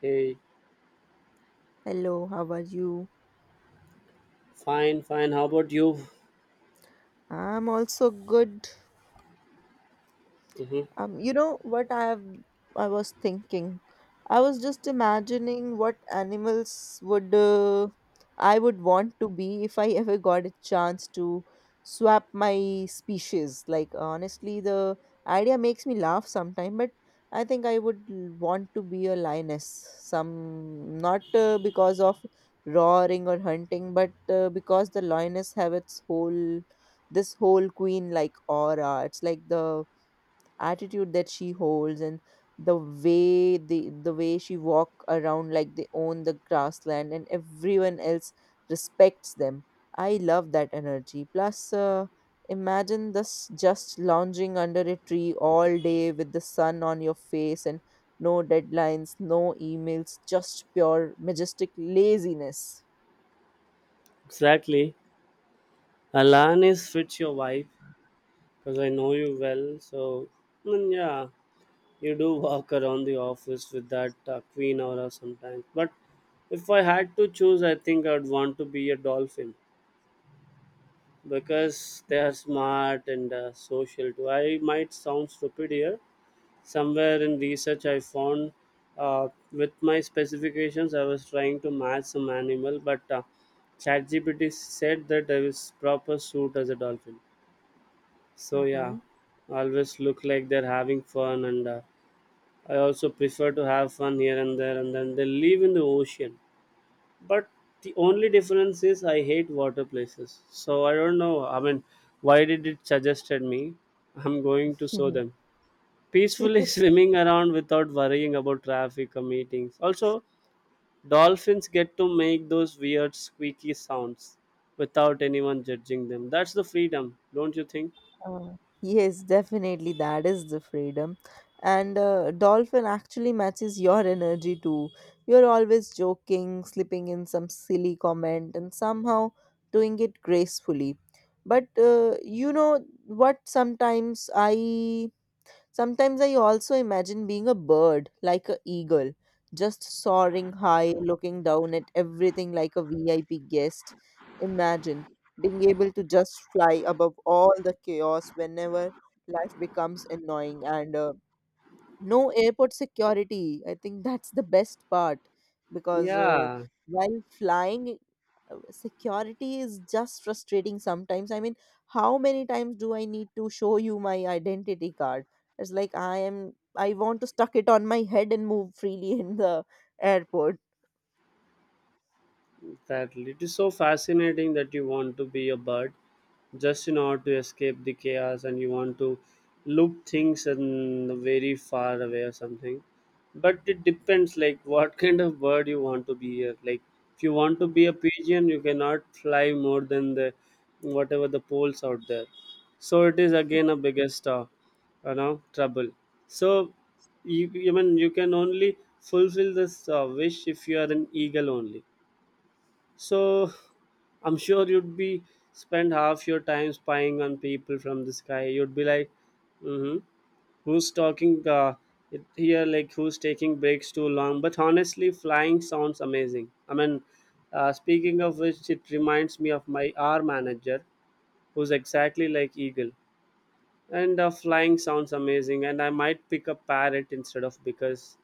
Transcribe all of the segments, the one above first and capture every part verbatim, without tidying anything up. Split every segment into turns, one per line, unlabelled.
Hey,
Hello, how are you?
fine, fine. How about you?
I'm also good.
Hmm.
Um, you know what I have, I was thinking. I was just imagining what animals would uh, I would want to be if I ever got a chance to swap my species. Like honestly, the idea makes me laugh sometimes, but I think I would l- want to be a lioness. Some not uh, because of roaring or hunting, but uh, because the lioness have its whole this whole queen like aura. It's like the attitude that she holds and the way the the way she walk around like they own the grassland and everyone else respects them. I love that energy plus uh, imagine this, just lounging under a tree all day with the sun on your face and no deadlines, no emails, just pure majestic laziness.
Exactly. Alanis fits your vibe because I know you well. So, mm, yeah, you do walk around the office with that uh, queen aura sometimes. But if I had to choose, I think I'd want to be a dolphin because they are smart and uh, social too. I might sound stupid here, somewhere in research I found uh, with my specifications I was trying to match some animal but uh, chatgpt said that I was proper suit as a dolphin, so yeah,
Mm-hmm.
always look like they're having fun and uh, I also prefer to have fun here and there, and then they live in the ocean, but the only difference is I hate water places, so I don't know. I mean, why did it suggested me? I'm going to show them peacefully swimming around without worrying about traffic or meetings. Also, dolphins get to make those weird squeaky sounds without anyone judging them. That's the freedom, don't you think?
Uh, yes, definitely. That is the freedom. And uh, dolphin actually matches your energy too. You're always joking, slipping in some silly comment, and somehow doing it gracefully. But uh, you know what? Sometimes I Sometimes I also imagine being a bird, like an eagle, just soaring high, looking down at everything like a V I P guest. Imagine being able to just fly above all the chaos whenever life becomes annoying and uh, no airport security. I think that's the best part because uh,
Yeah,
while flying, uh, security is just frustrating sometimes, I mean, how many times do I need to show you my identity card? It's like i am i want to stuck it on my head and move freely in the airport.
exactly. It is so fascinating that you want to be a bird just in order to escape the chaos, and you want to loop things in very far away or something. But it depends like what kind of bird you want to be here. Like, if you want to be a
Mhm.
pigeon, you cannot fly more than the whatever the poles out there. So it is again a biggest uh, you know, trouble. So you, you mean you can only fulfill this uh, wish if you are an eagle only, so I'm sure you'd be spend half your time spying on people from the sky. You'd be like, mm-hmm, who's talking uh, it- here? Like, who's taking breaks too long? But honestly, flying sounds amazing. I mean, uh, speaking of which, it reminds me of my R manager, who's exactly like eagle. And uh, flying sounds amazing. And I might pick a parrot instead of because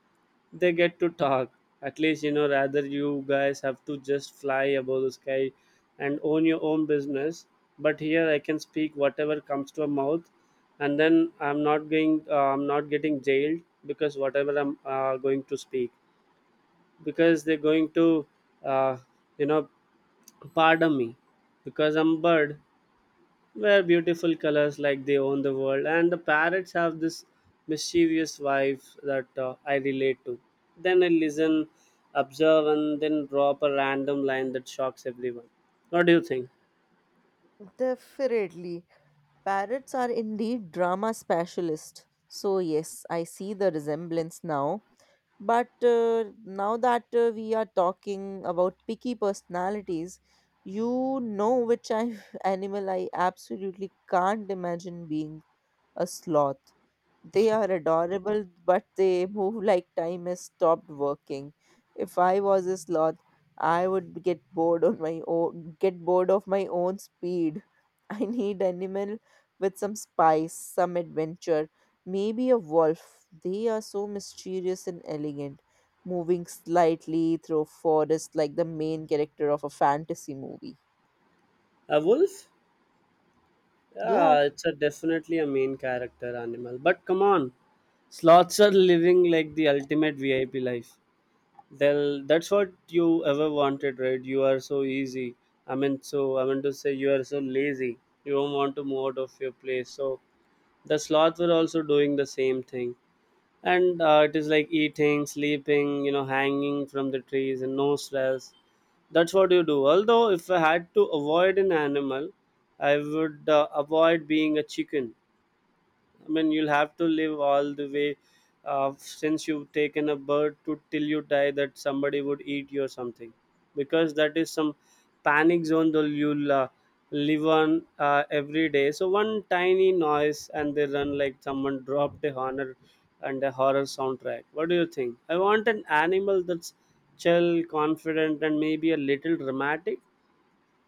they get to talk, at least, you know, rather you guys have to just fly above the sky and own your own business, but here I can speak whatever comes to a mouth, and then I'm not going uh, I'm not getting jailed, because whatever I'm uh, going to speak, because they're going to uh, you know, pardon me because I'm bird, wear beautiful colors like they own the world. And the parrots have this mischievous vibe that uh, I relate to. Then I listen, observe, and then drop a random line that shocks everyone. What do you think?
Definitely. Parrots are indeed drama specialists. So, yes, I see the resemblance now. But uh, now that uh, we are talking about picky personalities, you know which I, animal I absolutely can't imagine being? A sloth. They are adorable, but they move like time has stopped working. If I was a sloth, I would get bored on my own, get bored of my own speed. I need animal with some spice, some adventure, maybe a wolf. They are so mysterious and elegant, moving slightly through forest like the main character of a fantasy movie.
A wolf,
Yeah.
yeah, it's a definitely a main character animal, but come on, sloths are living like the ultimate VIP life. They'll, that's what you ever wanted, right? You are so easy, I mean, so I mean to say, you are so lazy, you don't want to move out of your place, so the sloths were also doing the same thing. And uh, it is like eating, sleeping, you know, hanging from the trees and no stress. That's what you do. Although, if I had to avoid an animal, I would uh, avoid being a chicken. I mean, you'll have to live all the way, uh, since you've taken a bird to till you die that somebody would eat you or something, because that is some panic zone that you'll uh, live on uh, every day. So, one tiny noise and they run like someone dropped a horror and a horror soundtrack. What do you think? I want an animal that's chill, confident, and maybe a little dramatic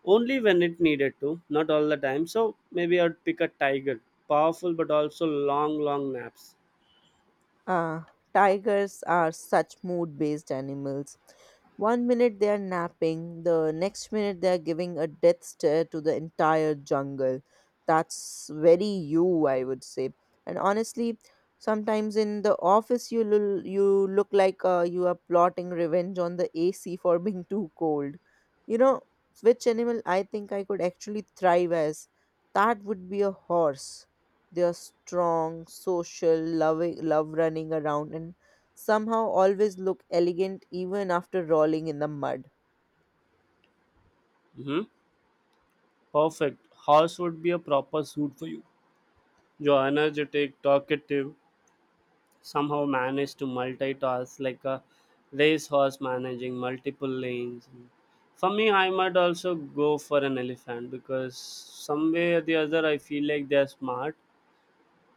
only when it needed to, not all the time. So maybe I'd pick a tiger, powerful but also long long naps.
Uh, Tigers are such mood based animals. One minute they are napping, the next minute they are giving a death stare to the entire jungle. That's very you, I would say. And honestly, sometimes in the office you lul- you look like uh, you are plotting revenge on the A C for being too cold. You know which animal I think I could actually thrive as? That would be a horse. They're strong, social, loving, love running around, and somehow always look elegant even after rolling in the mud.
Hmm, perfect horse would be a proper suit for you. You're energetic, talkative, somehow manage to multitask like a racehorse managing multiple lanes. For me, I might also go for an elephant, because some way or the other I feel like they're smart.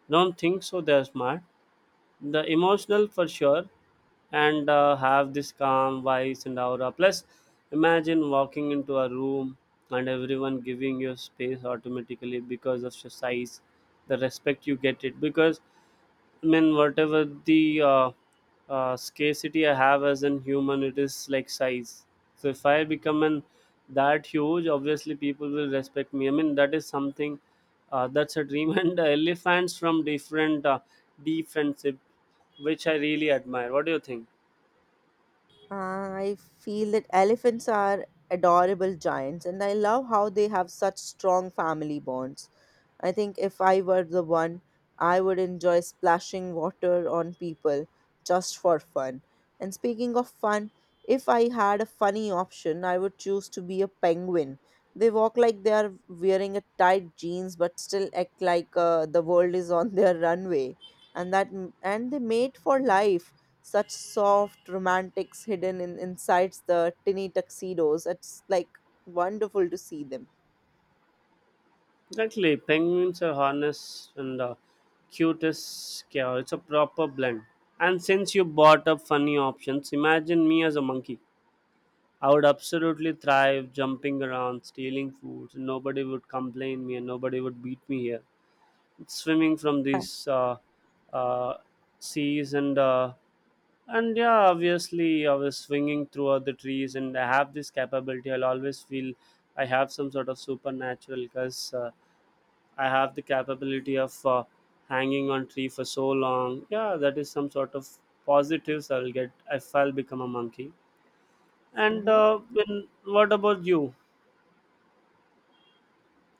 Don't think so they're smart, the emotional for sure. And uh, have this calm voice and aura, plus imagine walking into a room and everyone giving you space automatically because of your size. The respect you get it, because I mean, whatever the uh, uh, scarcity I have as an human, it is like size. So if I become an that huge, obviously people will respect me. I mean, that is something uh, that's a dream. And uh, elephants from different uh, different, which I really admire. What do you think?
Uh, I feel that elephants are adorable giants, and I love how they have such strong family bonds. I think if I were the one, I would enjoy splashing water on people just for fun. And speaking of fun, if I had a funny option, I would choose to be a penguin. They walk like they are wearing a tight jeans, but still act like uh, the world is on their runway, and that and they mate for life, such soft romantics hidden in inside the tinny tuxedos. It's like wonderful to see them.
Exactly, penguins are honest and uh, cutest care. It's a proper blend. And since you brought up funny options, imagine me as a monkey. I would absolutely thrive jumping around, stealing food. Nobody would complain me and nobody would beat me here. Swimming from these uh, uh, seas and uh, and yeah, obviously, I was swinging throughout the trees, and I have this capability. I'll always feel I have some sort of supernatural, because uh, I have the capability of uh, hanging on tree for so long. Yeah, that is some sort of positives I'll get if I'll become a monkey. And
Hmm.
uh, when, what about you?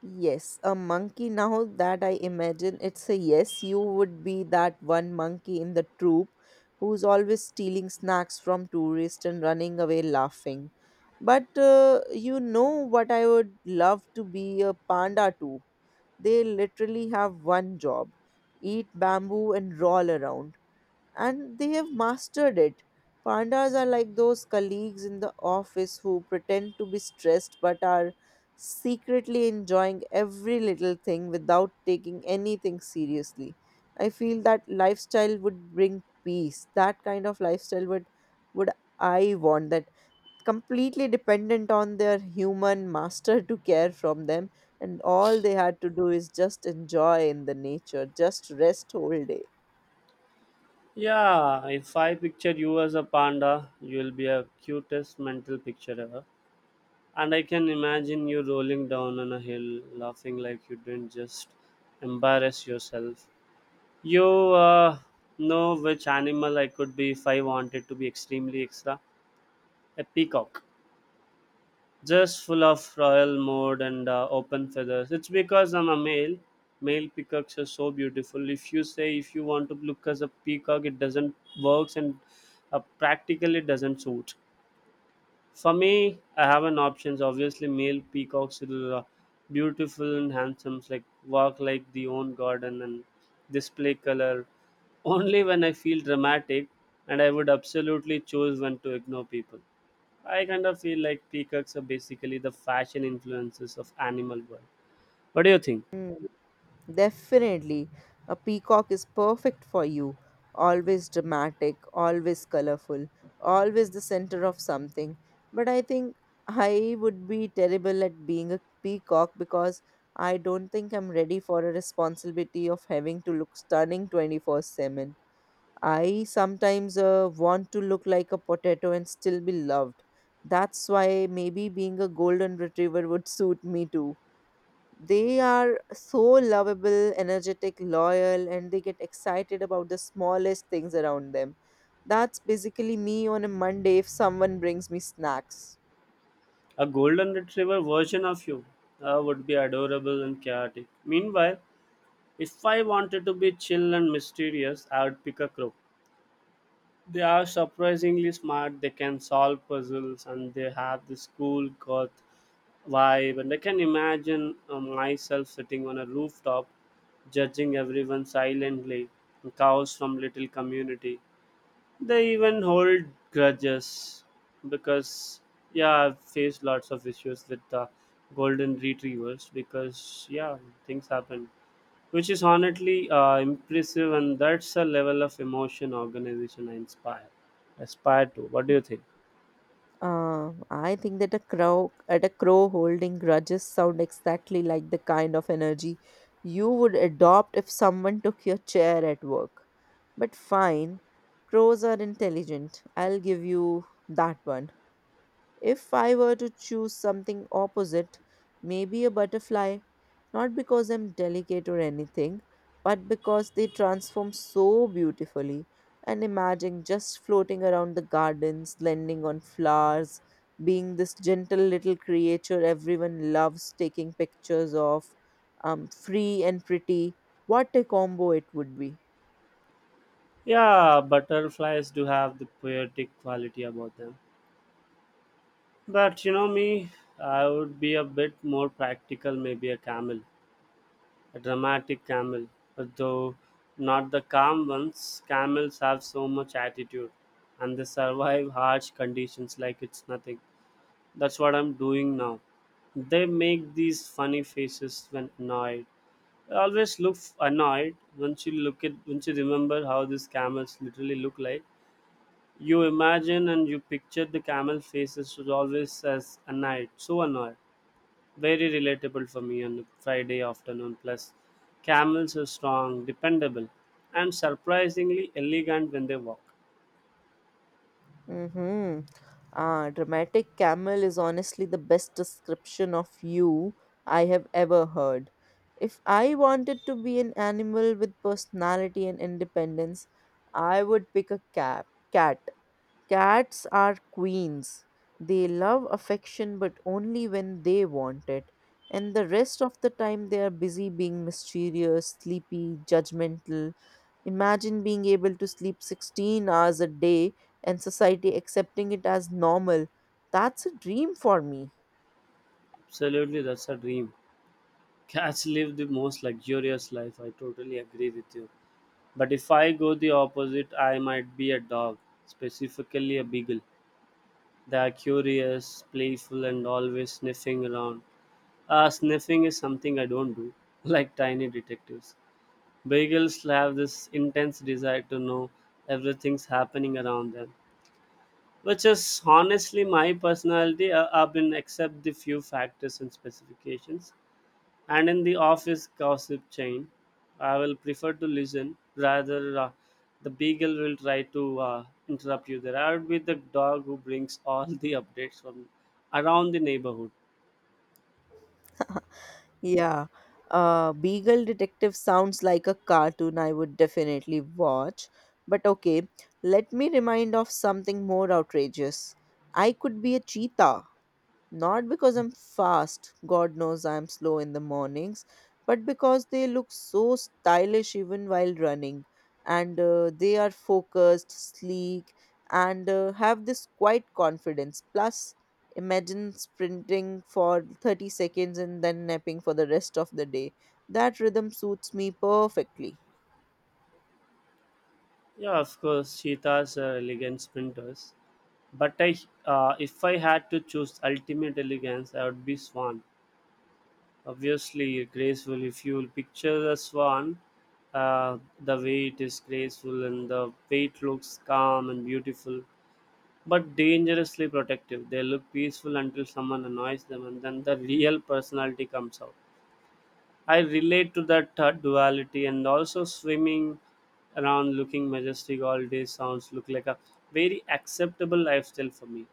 Yes, a monkey. Now that I imagine it's a yes, you would be that one monkey in the troop who's always stealing snacks from tourists and running away laughing. But uh, you know what? I would love to be a panda too. They literally have one job, eat bamboo and roll around, and they have mastered it. Pandas are like those colleagues in the office who pretend to be stressed but are secretly enjoying every little thing without taking anything seriously. I feel that lifestyle would bring peace. That kind of lifestyle would would I want that completely dependent on their human master to care from them, and all they had to do is just enjoy in the nature, just rest whole day.
Yeah, if I picture you as a panda, you'll be a cutest mental picture ever. And I can imagine you rolling down on a hill, laughing like you didn't just embarrass yourself. You uh, know which animal I could be if I wanted to be extremely extra? A peacock. Just full of royal mode and uh, open feathers. It's because I'm a male. Male peacocks are so beautiful. If you say if you want to look as a peacock, it doesn't works and uh, practically doesn't suit. For me, I have an options. Obviously, male peacocks are beautiful and handsome, like walk like the own garden and display color. Only when I feel dramatic, and I would absolutely choose when to ignore people. I kind of feel like peacocks are basically the fashion influences of animal world. What do you think?
Hmm. Definitely. A peacock is perfect for you. Always dramatic, always colorful, always the center of something. But I think I would be terrible at being a peacock because I don't think I'm ready for a responsibility of having to look stunning twenty-four seven. I sometimes uh, want to look like a potato and still be loved. That's why maybe being a golden retriever would suit me too. They are so lovable, energetic, loyal, and they get excited about the smallest things around them. That's basically me on a Monday if someone brings me snacks.
A golden retriever version of you uh, would be adorable and chaotic. Meanwhile, if I wanted to be chill and mysterious, I would pick a crow. They are surprisingly smart. They can solve puzzles and they have this cool goth vibe. And I can imagine uh, myself sitting on a rooftop, judging everyone silently. And cows from little community. They even hold grudges, because yeah, I've faced lots of issues with the golden retrievers, because yeah, things happen, which is honestly uh, impressive, and that's a level of emotion organization I inspire aspire to. What do you think?
Uh, I think that a crow at a crow holding grudges sound exactly like the kind of energy you would adopt if someone took your chair at work. But fine, crows are intelligent. I'll give you that one. If I were to choose something opposite, maybe a butterfly, not because I'm delicate or anything, but because they transform so beautifully. And imagine just floating around the gardens, landing on flowers, being this gentle little creature everyone loves taking pictures of, um, free and pretty. What a combo it would be!
Yeah, butterflies do have the poetic quality about them, but you know me, I would be a bit more practical, maybe a camel, a dramatic camel, but though not the calm ones. Camels have so much attitude, and they survive harsh conditions like it's nothing. That's what I'm doing now. They make these funny faces when annoyed. I always look f- annoyed once you look at once you remember how these camels literally look like. You imagine and you picture the camel faces was always as annoyed, so annoyed. Very relatable for me on a Friday afternoon. Plus, camels are strong, dependable, and surprisingly elegant when they walk.
Mm-hmm. Ah, dramatic camel is honestly the best description of you I have ever heard. If I wanted to be an animal with personality and independence, I would pick a cat. Cat. Cats are queens. They love affection, but only when they want it. And the rest of the time, they are busy being mysterious, sleepy, judgmental. Imagine being able to sleep sixteen hours a day and society accepting it as normal. That's a dream for me.
Absolutely, that's a dream. Cats live the most luxurious life. I totally agree with you. But if I go the opposite, I might be a dog, specifically a beagle. They are curious, playful, and always sniffing around. Ah, sniffing is something I don't do, like tiny detectives. Beagles have this intense desire to know everything's happening around them, which is honestly my personality, uh, up in except the few factors and specifications, and in the office gossip chain I will prefer to listen, rather uh, the beagle will try to uh, interrupt you there. I would be the dog who brings all the updates from around the neighborhood.
Yeah. Uh, Beagle Detective sounds like a cartoon I would definitely watch. But okay, let me remind of something more outrageous. I could be a cheetah. Not because I'm fast, God knows I'm slow in the mornings, but because they look so stylish even while running. And uh, they are focused, sleek, and uh, have this quiet confidence. Plus, imagine sprinting for thirty seconds and then napping for the rest of the day. That rhythm suits me perfectly.
Yeah, of course cheetahs are elegant sprinters, but I uh, if I had to choose ultimate elegance, I would be swan, obviously graceful. If you will picture the swan, uh, the way it is graceful and the way it looks calm and beautiful but dangerously protective. They look peaceful until someone annoys them, and then the real personality comes out. I relate to that uh, duality, and also swimming around looking majestic all day sounds look like a very acceptable lifestyle for me.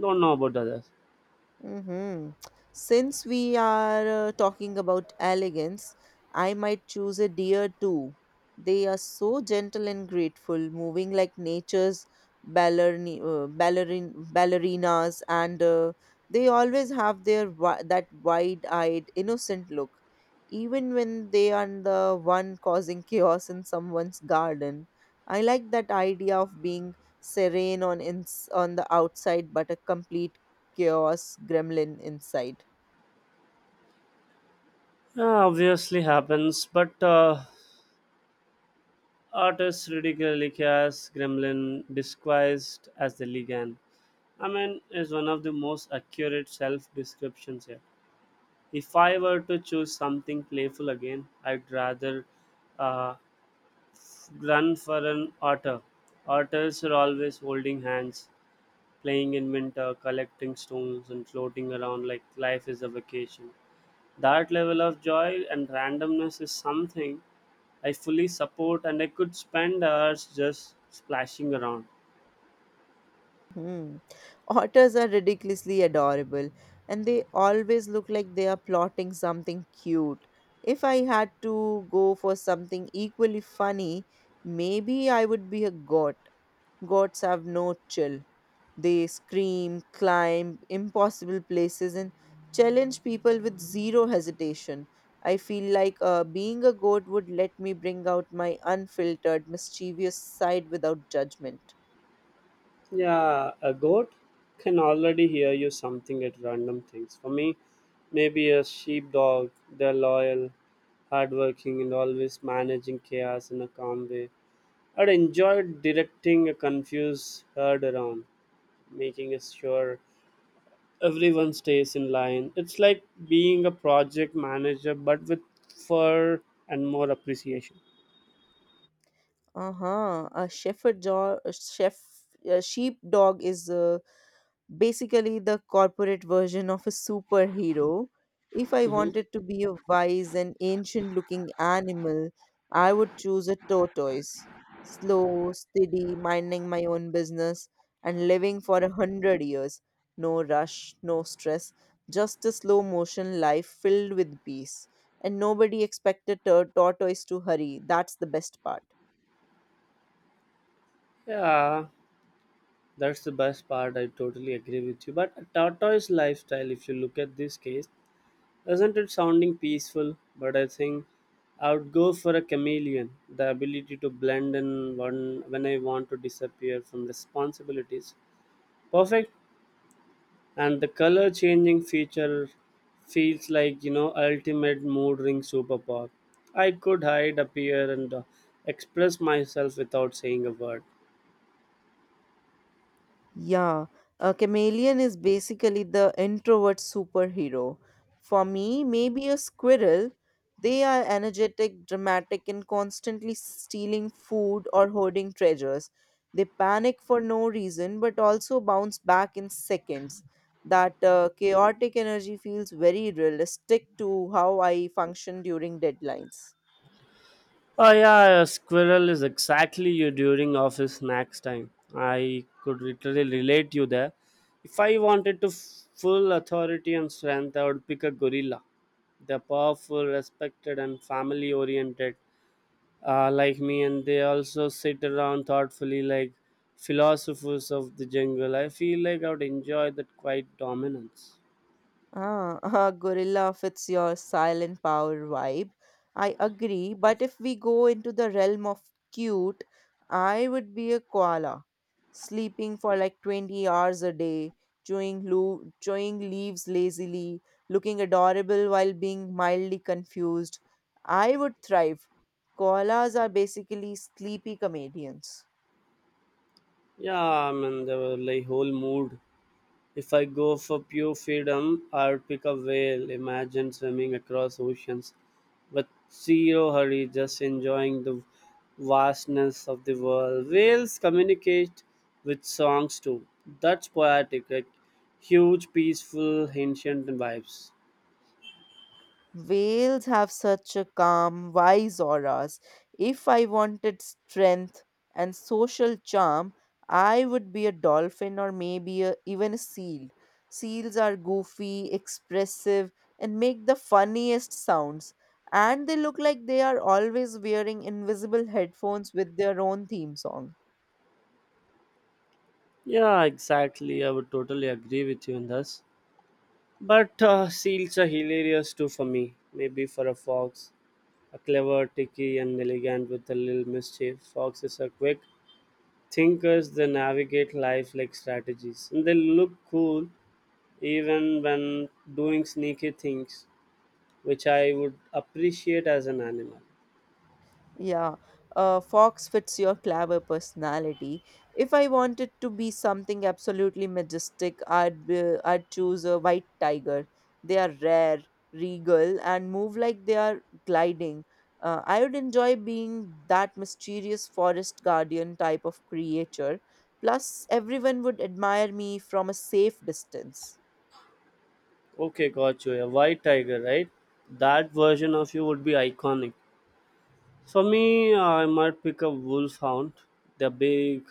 Don't know about others.
Hmm. Since we are uh, talking about elegance, I might choose a deer too. They are so gentle and grateful, moving like nature's ballerni- uh, ballerin- ballerinas, and uh, they always have their wi- that wide-eyed, innocent look, even when they are the one causing chaos in someone's garden. I like that idea of being serene on ins- on the outside, but a complete chaos gremlin inside.
Yeah, obviously happens, but uh, artists ridiculously cast Gremlin disguised as the Ligan. I mean, is one of the most accurate self descriptions here. If I were to choose something playful again, I'd rather uh, run for an otter. Otters are always holding hands, playing in winter, collecting stones, and floating around like life is a vacation. That level of joy and randomness is something I fully support, and I could spend hours just splashing around.
Hmm. Otters are ridiculously adorable and they always look like they are plotting something cute. If I had to go for something equally funny, maybe I would be a goat. Goats have no chill. They scream, climb impossible places, and challenge people with zero hesitation. I feel like uh, being a goat would let me bring out my unfiltered, mischievous side without judgment.
Yeah, a goat can already hear you something at random things. For me, maybe a sheepdog. They're loyal, hardworking, and always managing chaos in a calm way. I'd enjoy directing a confused herd around, making sure everyone stays in line. It's like being a project manager, but with fur and more appreciation.
Uh-huh. A shepherd dog, chef, a sheepdog is uh, basically the corporate version of a superhero. If I
Hmm.
wanted to be a wise and ancient looking animal, I would choose a tortoise. Slow, steady, minding my own business and living for a hundred years. No rush, no stress, just a slow motion life filled with peace, and nobody expected a tortoise to hurry. That's the best part.
Yeah, that's the best part. I totally agree with you. But a tortoise lifestyle, if you look at this case, isn't it sounding peaceful? But I think I would go for a chameleon. The ability to blend in one when I want to disappear from responsibilities. Perfect. And the color changing feature feels like, you know, ultimate mood ring superpower. I could hide, appear, and uh, express myself without saying a word.
Yeah, a chameleon is basically the introvert superhero. For me, maybe a squirrel. They are energetic, dramatic, and constantly stealing food or hoarding treasures. They panic for no reason but also bounce back in seconds. That uh, chaotic energy feels very realistic to how I function during deadlines.
Oh yeah, a squirrel is exactly you during office snacks time. I could literally relate you there. If I wanted to f- full authority and strength, I would pick a gorilla. They're powerful, respected, and family oriented, uh, like me, and they also sit around thoughtfully, like philosophers of the jungle. I feel like I would enjoy that quiet dominance.
Ah, gorilla fits your silent power vibe. I agree, but if we go into the realm of cute, I would be a koala, sleeping for like twenty hours a day, chewing, lo- chewing leaves lazily, looking adorable while being mildly confused. I would thrive. Koalas are basically sleepy comedians.
Yeah, I mean, they were like whole mood. If I go for pure freedom, I'd pick a whale. Imagine swimming across oceans with zero hurry, just enjoying the vastness of the world. Whales communicate with songs too. That's poetic, like huge, peaceful, ancient vibes.
Whales have such a calm, wise auras. If I wanted strength and social charm, I would be a dolphin or maybe a, even a seal. Seals are goofy, expressive, and make the funniest sounds. And they look like they are always wearing invisible headphones with their own theme song.
Yeah, exactly. I would totally agree with you on this. But uh, seals are hilarious too. For me, maybe for a fox, a clever, tricky, and elegant with a little mischief. Foxes are quick thinkers, they navigate life like strategies, and they look cool even when doing sneaky things, which I would appreciate as an animal.
Yeah, uh, Fox fits your clever personality. If I wanted to be something absolutely majestic, I'd be, I'd choose a white tiger. They are rare, regal, and move like they are gliding. Uh, I would enjoy being that mysterious forest guardian type of creature. Plus, everyone would admire me from a safe distance.
Okay, got you, a white tiger, right? That version of you would be iconic. For me, I might pick a wolfhound. Hound, the big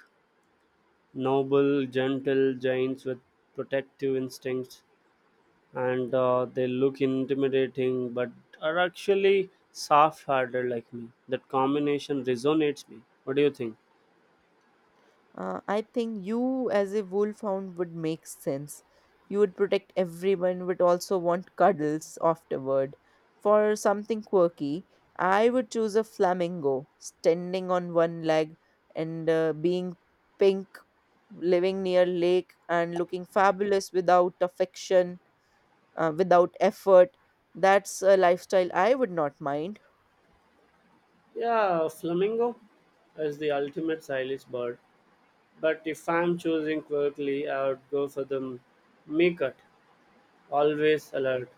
noble gentle giants with protective instincts, and uh, they look intimidating but are actually soft hearted like me. That combination resonates me. What do you think?
Uh, I think you, as a wolfhound, would make sense. You would protect everyone, would also want cuddles afterward. For something quirky, I would choose a flamingo, standing on one leg and uh, being pink, living near lake and looking fabulous without affection, uh, without effort. That's a lifestyle I would not mind.
Yeah, flamingo is the ultimate silage bird. But if I'm choosing quickly, I would go for the meerkat. Always alert,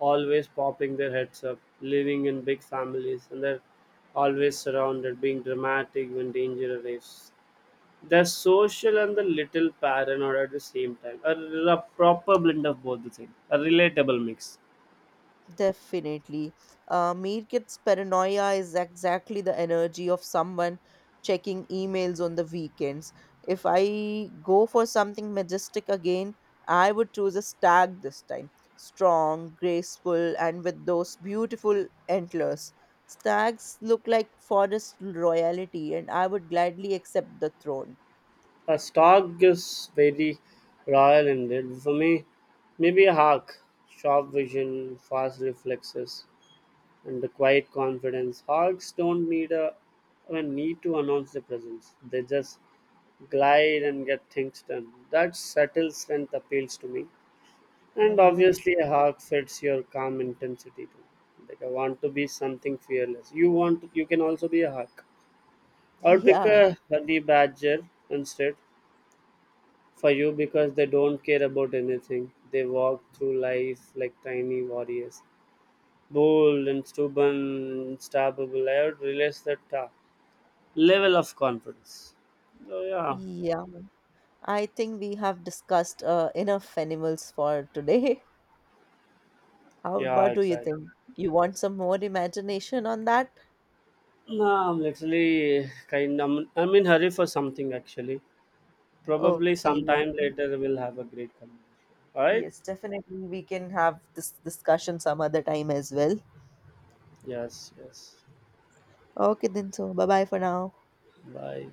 always popping their heads up, living in big families, and they're always surrounded, being dramatic when danger arrives. The social and the little paranoid at the same time. A, r- a proper blend of both the things. A relatable mix.
Definitely. Uh, Mirkit's paranoia is exactly the energy of someone checking emails on the weekends. If I go for something majestic again, I would choose a stag this time. Strong, graceful, and with those beautiful antlers. Stags look like forest royalty, and I would gladly accept the throne.
A stock is very royal ended. For me, maybe a hawk. Sharp vision, fast reflexes, and the quiet confidence. Hawks don't need a, I mean, need to announce their presence. They just glide and get things done. That subtle strength appeals to me. And
Mm-hmm.
obviously, a hawk fits your calm intensity too. Like, I want to be something fearless. You want, you can also be a hawk, or pick
Yeah,
a honey badger instead for you because they don't care about anything. They walk through life like tiny warriors, bold and stubborn, unstoppable. I would realize that uh, level of confidence. So yeah,
yeah. I think we have discussed uh, enough animals for today. How,
yeah,
what do you
exactly.
think? You want some more imagination on that?
No, I'm literally kind. I'm, I'm in hurry for something actually. Probably
Okay. Well,
sometime later we'll have a great conversation. All right?
yes, definitely. We can have this discussion some other time as well.
Yes, yes.
Okay, then. So, bye bye for now.
Bye.